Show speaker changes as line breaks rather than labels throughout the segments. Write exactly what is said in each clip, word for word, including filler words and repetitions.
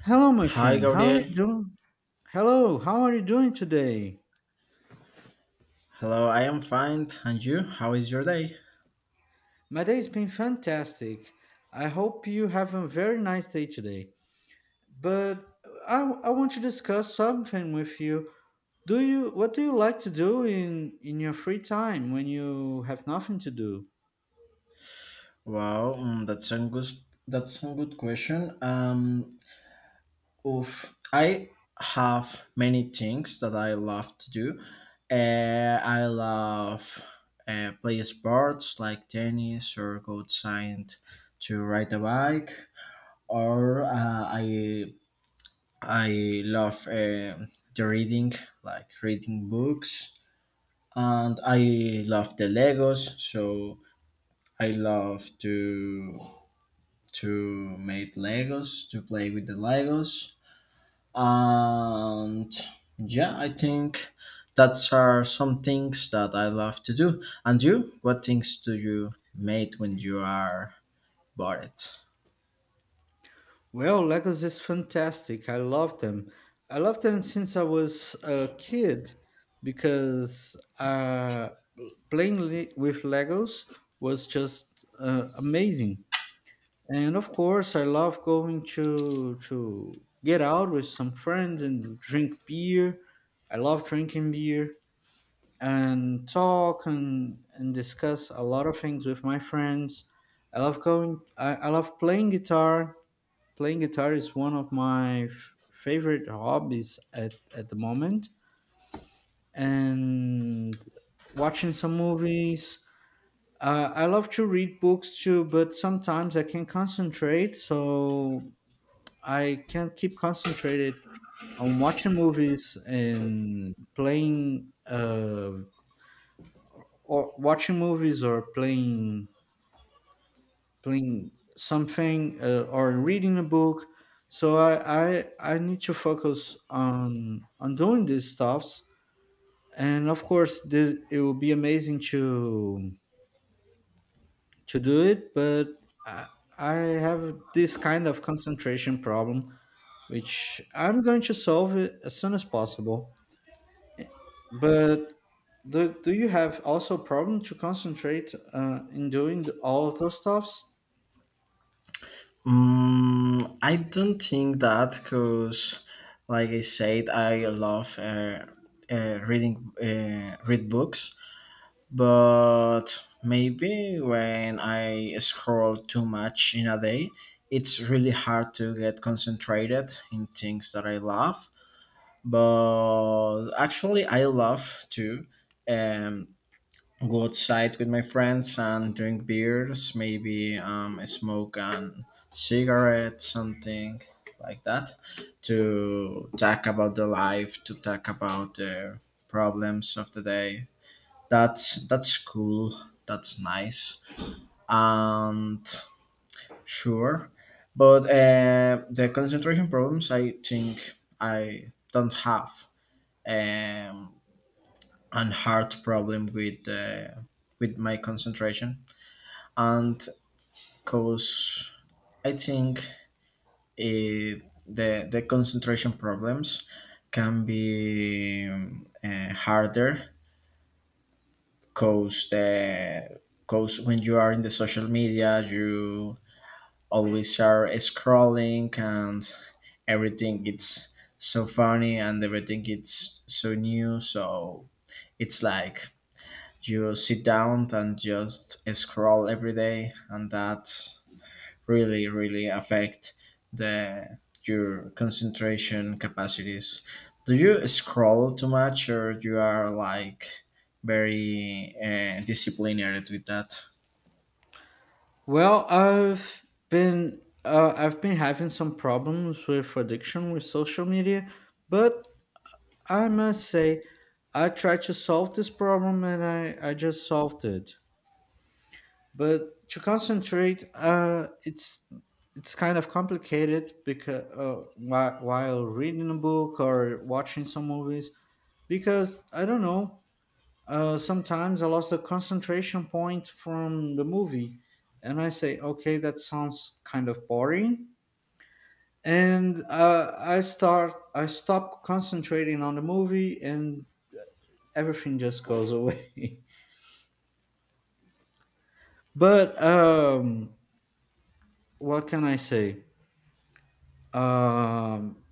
Hello, my
Hi,
friend. How are
Gabriel.
you doing? Hello, how are you doing today?
Hello, I am fine. And you? How is your day?
My day's been fantastic. I hope you have a very nice day today. But I, I want to discuss something with you. Do you what do you like to do in in your free time when you have nothing to do?
Wow, mm, that's a good that's a good question. Um, oof, I have many things that I love to do. Uh, I love uh, play sports like tennis or go outside to ride a bike. Or uh, I I love uh, the reading, like reading books, and I love the Legos, so I love to to make Legos, to play with the Legos, and yeah, I think that's are some things that I love to do. And you, what things do you make when you are bored?
Well, Legos is fantastic. I love them. I love them since I was a kid because uh, playing le- with Legos was just uh, amazing. And of course, I love going to to get out with some friends and drink beer. I love drinking beer and talk and, and discuss a lot of things with my friends. I love going. I, I love playing guitar. Playing guitar is one of my f- favorite hobbies at, at the moment. And watching some movies. Uh, I love to read books too, but sometimes I can't concentrate, so I can't keep concentrated on watching movies and playing uh, or watching movies or playing playing something uh, or reading a book. So I, I I need to focus on on doing these stuffs. And of course, this, it will be amazing to to do it, but I, I have this kind of concentration problem, which I'm going to solve it as soon as possible. But do, do you have also problem to concentrate uh, in doing all of those stuffs?
Mm, I don't think that because, like I said, I love uh, uh, reading uh, read books, but maybe when I scroll too much in a day, it's really hard to get concentrated in things that I love. But actually, I love to um, go outside with my friends and drink beers, maybe um, smoke and cigarette, something like that, to talk about the life, to talk about the problems of the day. That's that's cool. That's nice. And sure, but uh, the concentration problems, I think I don't have um, an hard problem with uh, with my concentration, and cause I think uh, the the concentration problems can be um, uh, harder, cause the because when you are in the social media, you always are scrolling, and everything it's so funny and everything it's so new, so it's like you sit down and just scroll every day, and that really really affect the your concentration capacities. Do you scroll too much, or you are like very uh, disciplined with that?
Well, I've been uh, I've been having some problems with addiction with social media, but I must say I tried to solve this problem and I, I just solved it. But to concentrate, uh, it's it's kind of complicated because uh, whi- while reading a book or watching some movies because I don't know, uh, sometimes I lost the concentration point from the movie, and I say, "Okay, that sounds kind of boring," and uh, I start, I stop concentrating on the movie, and everything just goes away. but um, what can I say? Um,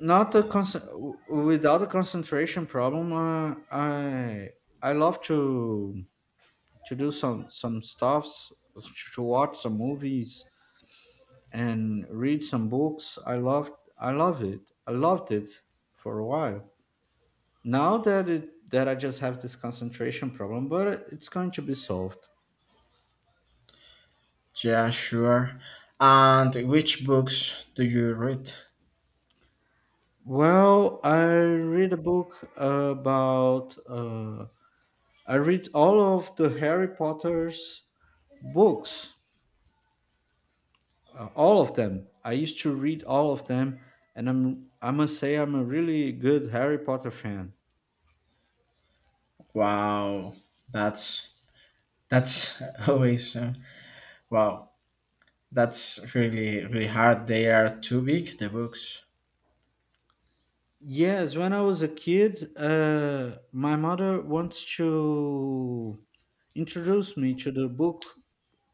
Not the con- without the concentration problem. Uh, I I love to to do some some stuffs, to watch some movies and read some books. I loved I loved it. I loved it for a while. Now that it that I just have this concentration problem, but it's going to be solved.
Yeah, sure. And which books do you read?
Well, I read a book about uh, I read all of the Harry Potter's books, uh, all of them. I used to read all of them, and I'm I must say I'm a really good Harry Potter fan.
Wow, that's that's always uh, wow. That's really really hard. They are too big, the books.
Yes, when I was a kid, uh, my mother wants to introduce me to the book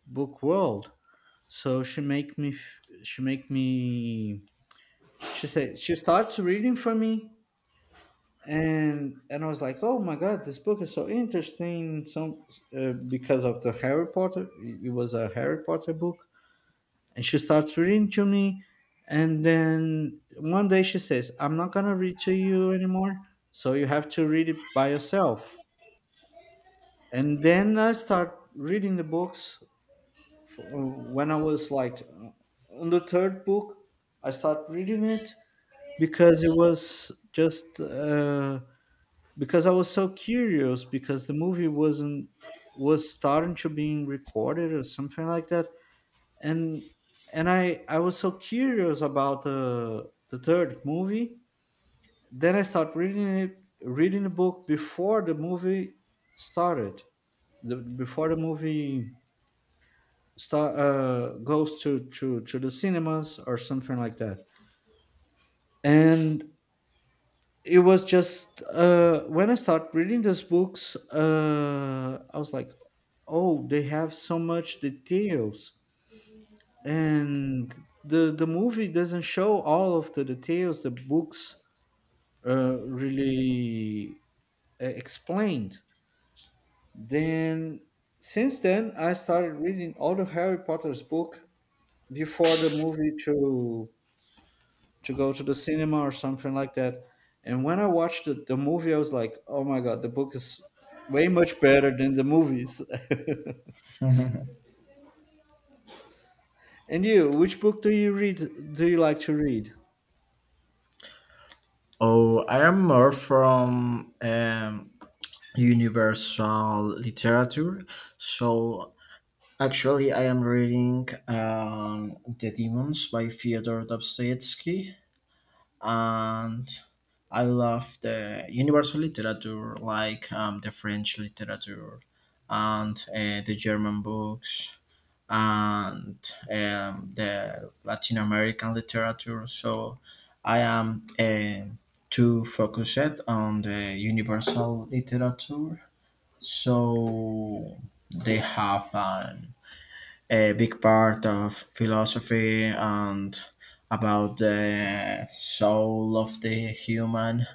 book world. So she make me f- she make me she said she starts reading for me, and and I was like, "Oh my God, this book is so interesting." Some, uh, because of the Harry Potter, it was a Harry Potter book, and she starts reading to me, and then one day she says, I'm not going to read to you anymore, so you have to read it by yourself. And then I start reading the books f- when I was like, uh, on the third book, I start reading it because it was just uh, because I was so curious because the movie wasn't was starting to being recorded or something like that. And and I I was so curious about the the third movie. Then I started reading it, reading the book before the movie started. The, before the movie start uh, goes to to to the cinemas or something like that. And it was just uh, when I started reading these books, uh, I was like, oh, they have so much details, and the the movie doesn't show all of the details. The books uh, really uh, explained. Then since then I started reading all the Harry Potter's book before the movie to to go to the cinema or something like that. And when I watched the, the movie I was like, oh my God, the book is way much better than the movies. And you, which book do you read, do you like to read?
Oh, I am more from um, universal literature. So actually, I am reading um, The Demons by Fyodor Dostoevsky, and I love the universal literature, like um, the French literature and uh, the German books and um, the Latin American literature. So I am uh, too focused on the universal literature. So they have an a big part of philosophy and about the soul of the human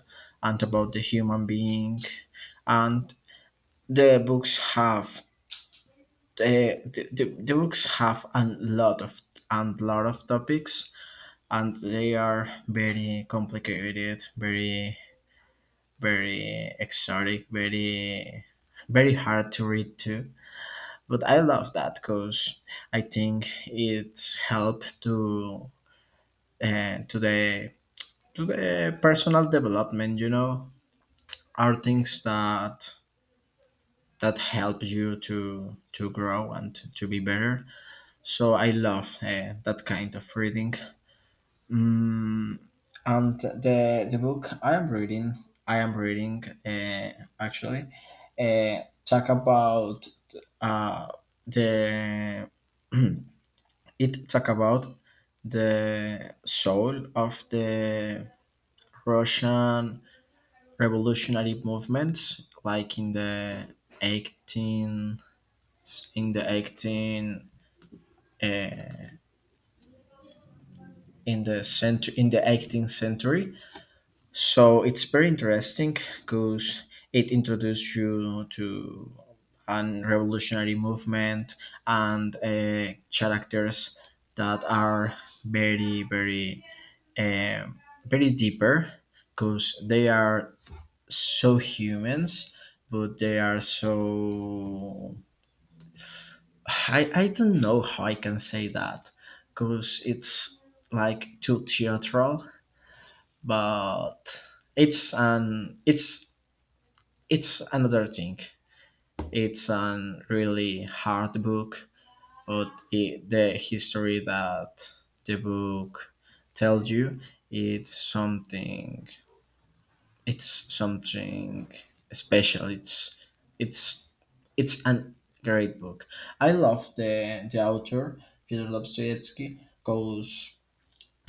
and about the human being, and the books have the, the, the the books have a lot of and lot of topics, and they are very complicated, very very exotic, very very hard to read too. But I love that because I think it's helped to and to the to the personal development, you know. Are things that that help you to to grow and to, to be better, so I love uh, that kind of reading. mm, and the the book I am reading, I am reading uh, actually, uh, talk about uh, the it talk about the soul of the Russian revolutionary movements, like in the eighteen in the eighteen, uh, in the century, in the eighteenth century. So it's very interesting because it introduced you to an revolutionary movement and uh, characters that are very very um, very deeper because they are so humans, but they are so I I don't know how I can say that because it's like too theatrical, but it's an it's it's another thing. It's an really hard book, but it, the history that the book tells you, it's something, it's something special. It's it's it's an great book. I love the the author Fyodor Dostoevsky because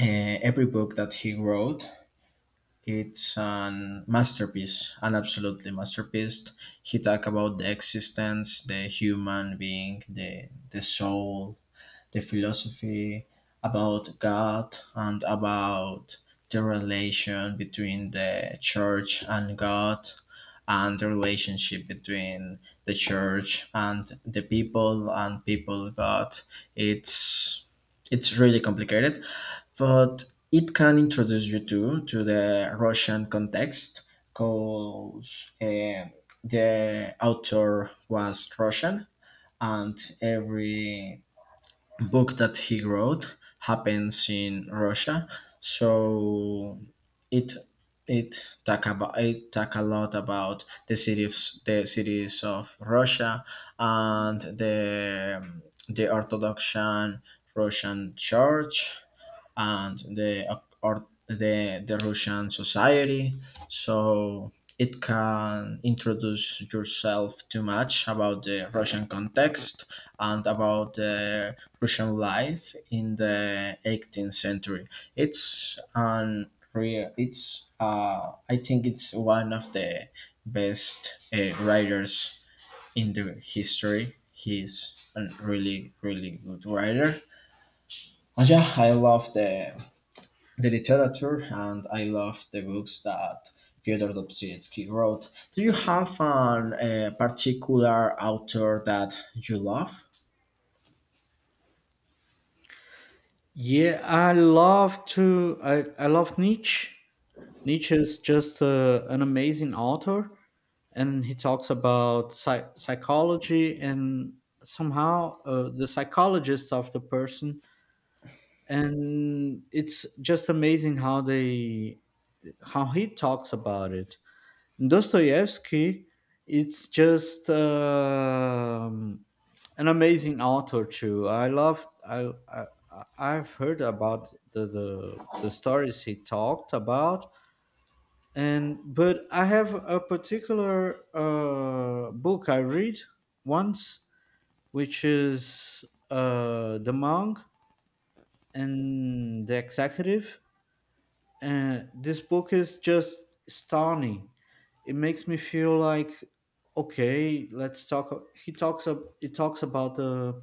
uh, every book that he wrote, it's an masterpiece, an absolutely masterpiece. He talk about the existence, the human being, the the soul, the philosophy, about God, and about the relation between the church and God, and the relationship between the church and the people and people God. It's it's really complicated, but it can introduce you to to the Russian context because the author was Russian, and every book that he wrote happens in Russia, so it it talk about it talk a lot about the cities the cities of Russia and the the Orthodox Russian Church and the or the, the Russian society. So it can introduce yourself too much about the Russian context and about the Russian life in the eighteenth century. It's an real. It's uh, I think it's one of the best uh, writers in the history. He's a really really good writer. And yeah, I love the the literature, and I love the books that Fyodor Dostoevsky wrote. Do you have an, a particular author that you love?
Yeah, I love to. I, I love Nietzsche. Nietzsche is just uh, an amazing author, and he talks about psy- psychology and somehow, uh, the psychologist of the person. And it's just amazing how they how he talks about it. Dostoevsky, it's just um, an amazing author too. I love I, I I- I've heard about the, the the stories he talked about, and but I have a particular uh, book I read once, which is, uh, The Monk and the Executive. And this book is just stunning. It makes me feel like, okay, let's talk. He talks up. It talks about the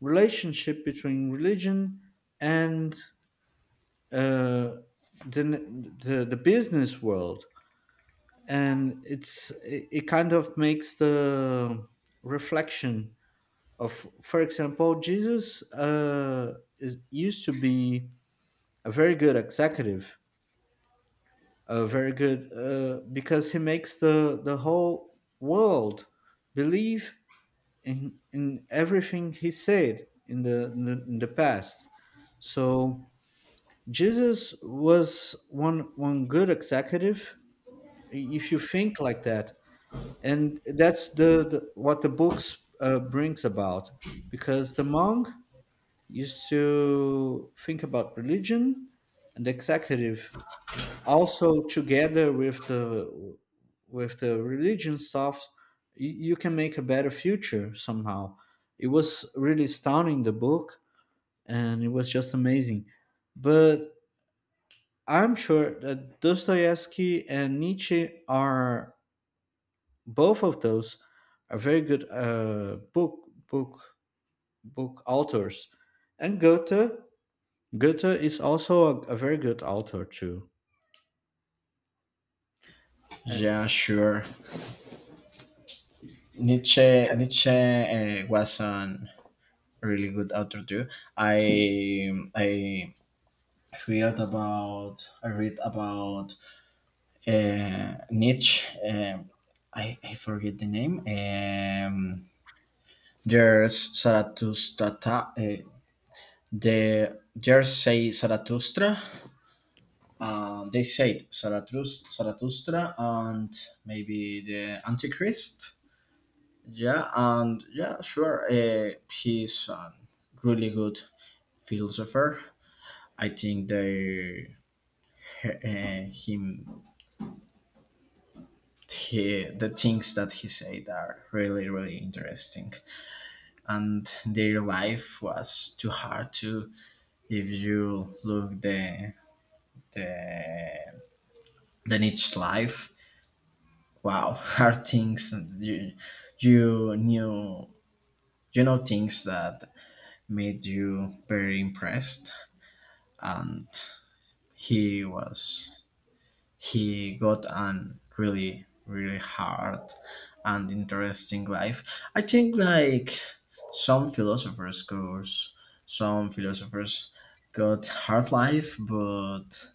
relationship between religion and, uh, the the the business world, and it's it, it kind of makes the reflection of, for example, Jesus, uh, is used to be a very good executive, uh, very good, uh, because he makes the the whole world believe in in everything he said in the in the, in the past. So Jesus was one one good executive if you think like that. And that's the, the what the books, uh, brings about, because the monk used to think about religion, and the executive also, together with the with the religion stuff, you, you can make a better future somehow. It was really astounding, the book, and it was just amazing. But I'm sure that Dostoevsky and Nietzsche are both of those are very good, uh, book book book authors. And Goethe, Goethe is also a, a very good author too.
Yeah, sure. Nietzsche Nietzsche uh, was an really good author too. I I read about I read about uh, Nietzsche. um I, I forget the name. Um, there's Zarathustra. Uh, the Jersey Zarathustra. Um, they said Zarathus- Zarathustra and maybe the Antichrist. Yeah, and yeah, sure. Uh, he's a really good philosopher. I think the uh, him he, the things that he said are really really interesting, and their life was too hard to. If you look the the the niche life, wow, are things you you knew you know, things that made you very impressed, and he was he got an really really hard and interesting life. I think like some philosophers course, some philosophers got hard life, but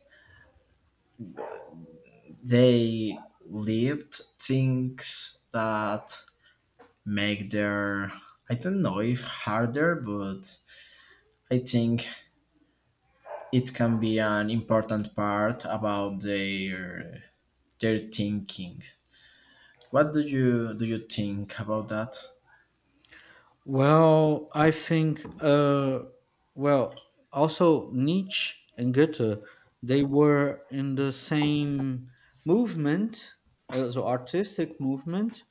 they lived things that make their, I don't know if harder, but I think it can be an important part about their their thinking. What do you do you think about that?
Well, I think, uh, well, also Nietzsche and Goethe, they were in the same movement, uh, so artistic movement,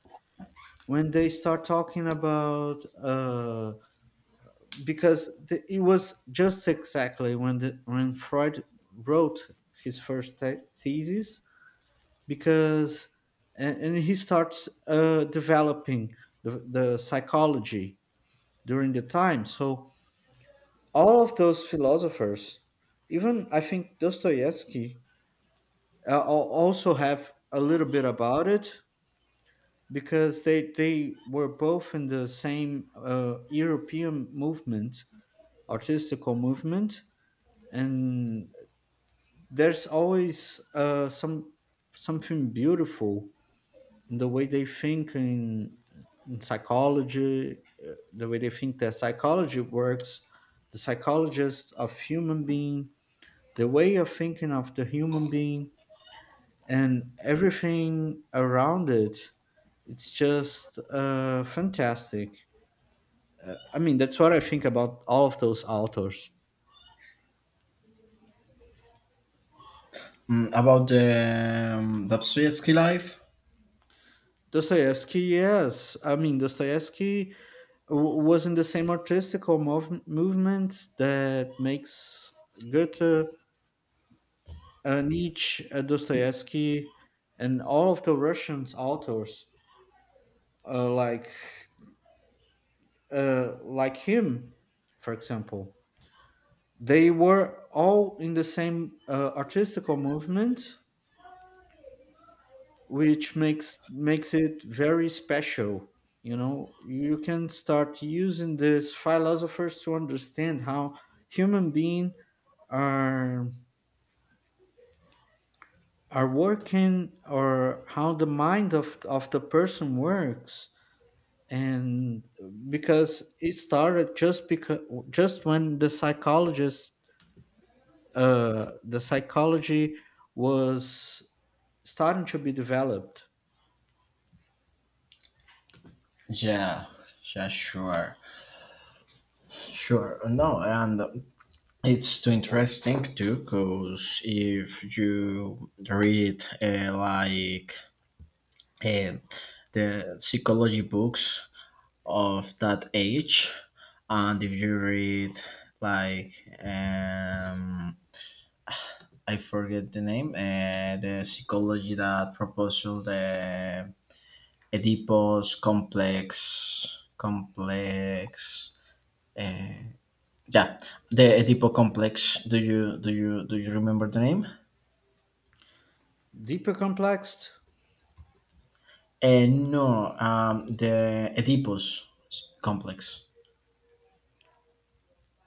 when they start talking about, uh, because the, it was just exactly when the, when Freud wrote his first the- thesis, because and, and he starts, uh, developing the, the psychology during the time. So all of those philosophers, even I think Dostoevsky, uh, al- also have a little bit about it, because they they were both in the same, uh, European movement, artistical movement, and there's always, uh, some something beautiful in the way they think in, in psychology, uh, the way they think that psychology works, the psychologist of human being, the way of thinking of the human being and everything around it, it's just, uh, fantastic. I mean, that's what I think about all of those authors.
Mm, about the um, Dostoevsky life?
Dostoevsky, yes, I mean Dostoevsky w- was in the same artistical mov- movement that makes Goethe, uh, Nietzsche, uh, Dostoevsky, and all of the Russian authors, uh, like, uh, like him, for example. They were all in the same, uh, artistical movement, which makes makes it very special. You know, you can start using these philosophers to understand how human beings are are working, or how the mind of of the person works. And because it started just because just when the psychologists, uh, the psychology was starting to be developed.
Yeah, yeah, sure, sure. No, and it's too interesting too, because if you read uh, like uh, the psychology books of that age, and if you read like um I forget the name, uh, the psychology that proposed the oedipus complex complex, uh, yeah, the oedipus complex. Do you do you do you remember the name?
Deeper complexed?
Uh, no, um the oedipus complex.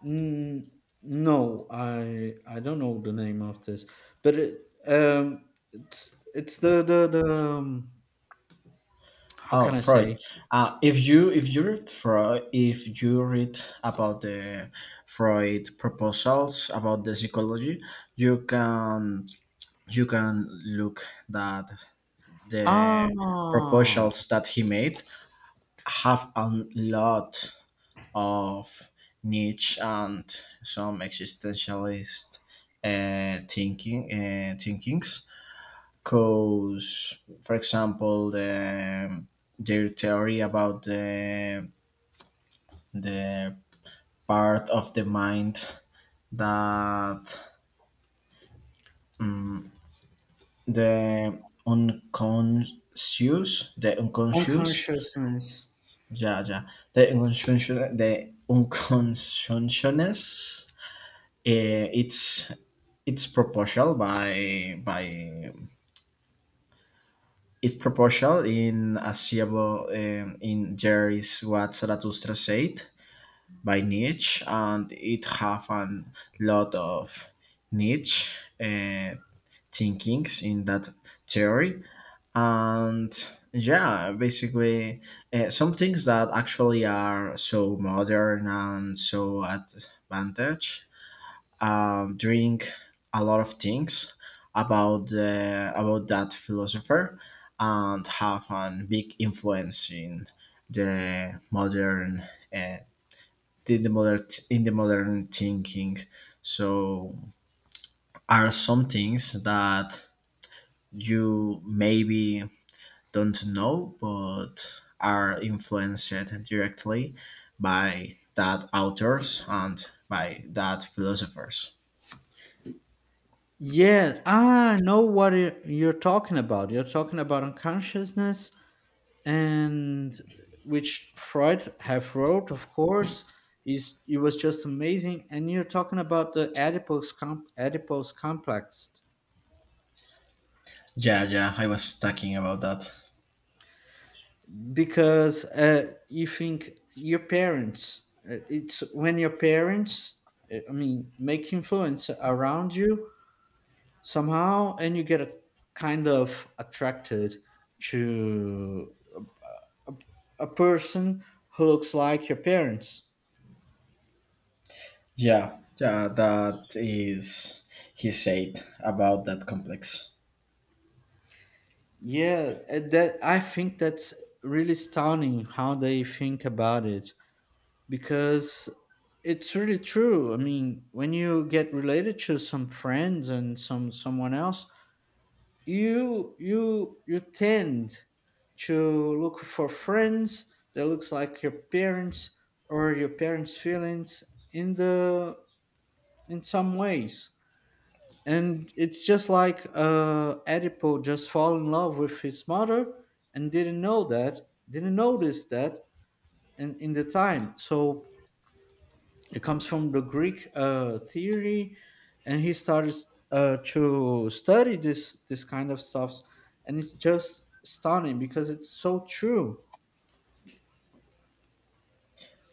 Mm, no, I I don't know the name of this, but it, um, it's it's the the the um, how
Oh,
can I say?
Freud. Uh, if you if you read Freud, if you read about the Freud proposals about the psychology, you can you can look that the
Ah,
proposals that he made have a lot of niche and some existentialist uh, thinking uh, thinkings, because for example the their theory about the the part of the mind that um, the unconscious, the unconscious,
unconsciousness.
yeah, yeah, the unconscious, the unconsciousness, eh, it's it's proportional by by it's proportional in Asiabo, um, in there is what Zarathustra said by niche, and it have a lot of niche uh, thinkings in that theory. And yeah, basically, uh, some things that actually are so modern and so advantage, um, during a lot of things about uh, about that philosopher, and have a big influence in the modern uh, in the modern in the modern thinking. So are some things that you maybe don't know, but are influenced directly by that authors and by that philosophers.
Yeah, I know what you- you're talking about. You're talking about unconsciousness and which Freud have wrote, of course, is it was just amazing. And you're talking about the adipose com- adipose complex
Yeah, yeah, I was talking about that.
because, uh, you think your parents. Uh, it's when your parents, uh, I mean, make influence around you somehow, and you get a kind of attracted to a person who looks like your parents.
Yeah, yeah, that is he said about that complex.
Yeah, uh, that I think that's really stunning how they think about it, because it's really true. I mean, when you get related to some friends and some someone else, you you you tend to look for friends that looks like your parents, or your parents' feelings in the in some ways. And it's just like, uh, Oedipal just fall in love with his mother and didn't know that, didn't notice that, in, in the time. So it comes from the Greek, uh, theory, and he started, uh, to study this this kind of stuff, and it's just stunning because it's so true.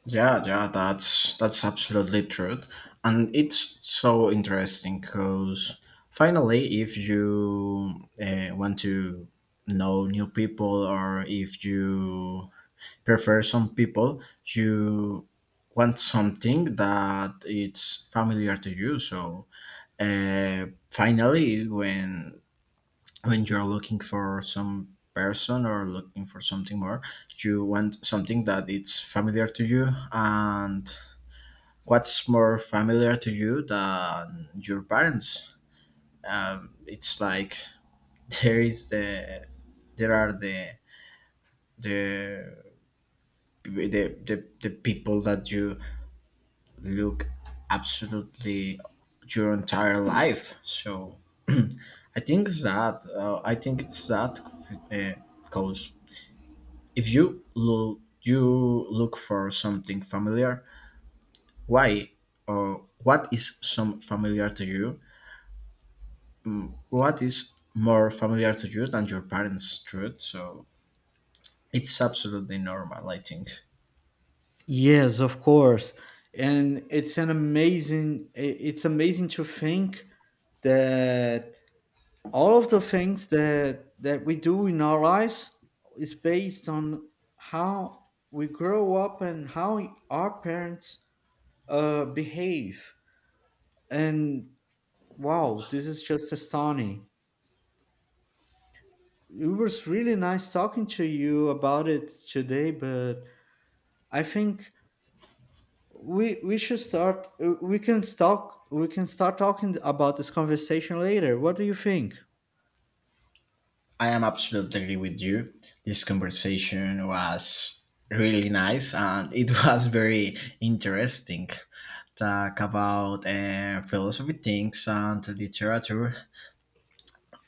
Yeah, yeah, that's that's absolutely true, and it's so interesting because finally, if you uh, want to know new people, or if you prefer some people, you want something that it's familiar to you. So uh, finally, when when you're looking for some person or looking for something more, you want something that it's familiar to you. And what's more familiar to you than your parents? Um, it's like there is the there are the the the, the, the people that you look absolutely your entire life. So I think it's that, uh, I think it's that because if you look, you look for something familiar. Why, or what is some familiar to you? What is more familiar to you than your parents' truth? So it's absolutely normal, I think.
Yes, of course, and it's an amazing. i- It's amazing to think that all of the things that that we do in our lives is based on how we grow up and how our parents, uh, behave. And wow, this is just astounding. It was really nice talking to you about it today. But I think we we should start. uh, We can start. We can start talking about this conversation later. What do you think?
I am absolutely agree with you. This conversation was really nice, and it was very interesting. Talk about uh, philosophy things and literature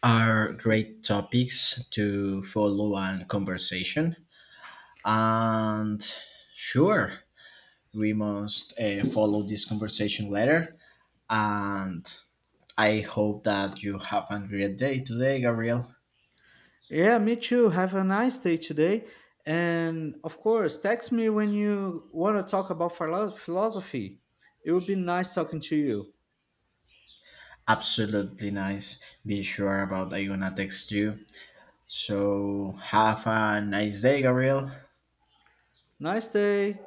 are great topics to follow and conversation. And sure, we must uh, follow this conversation later. And I hope that you have a great day today, Gabriel.
Yeah, me too. Have a nice day today. And of course, text me when you want to talk about philo- philosophy. It would be nice talking to you.
Absolutely nice. Be sure about I'm gonna text you. So have a nice day, Gabriel.
Nice day.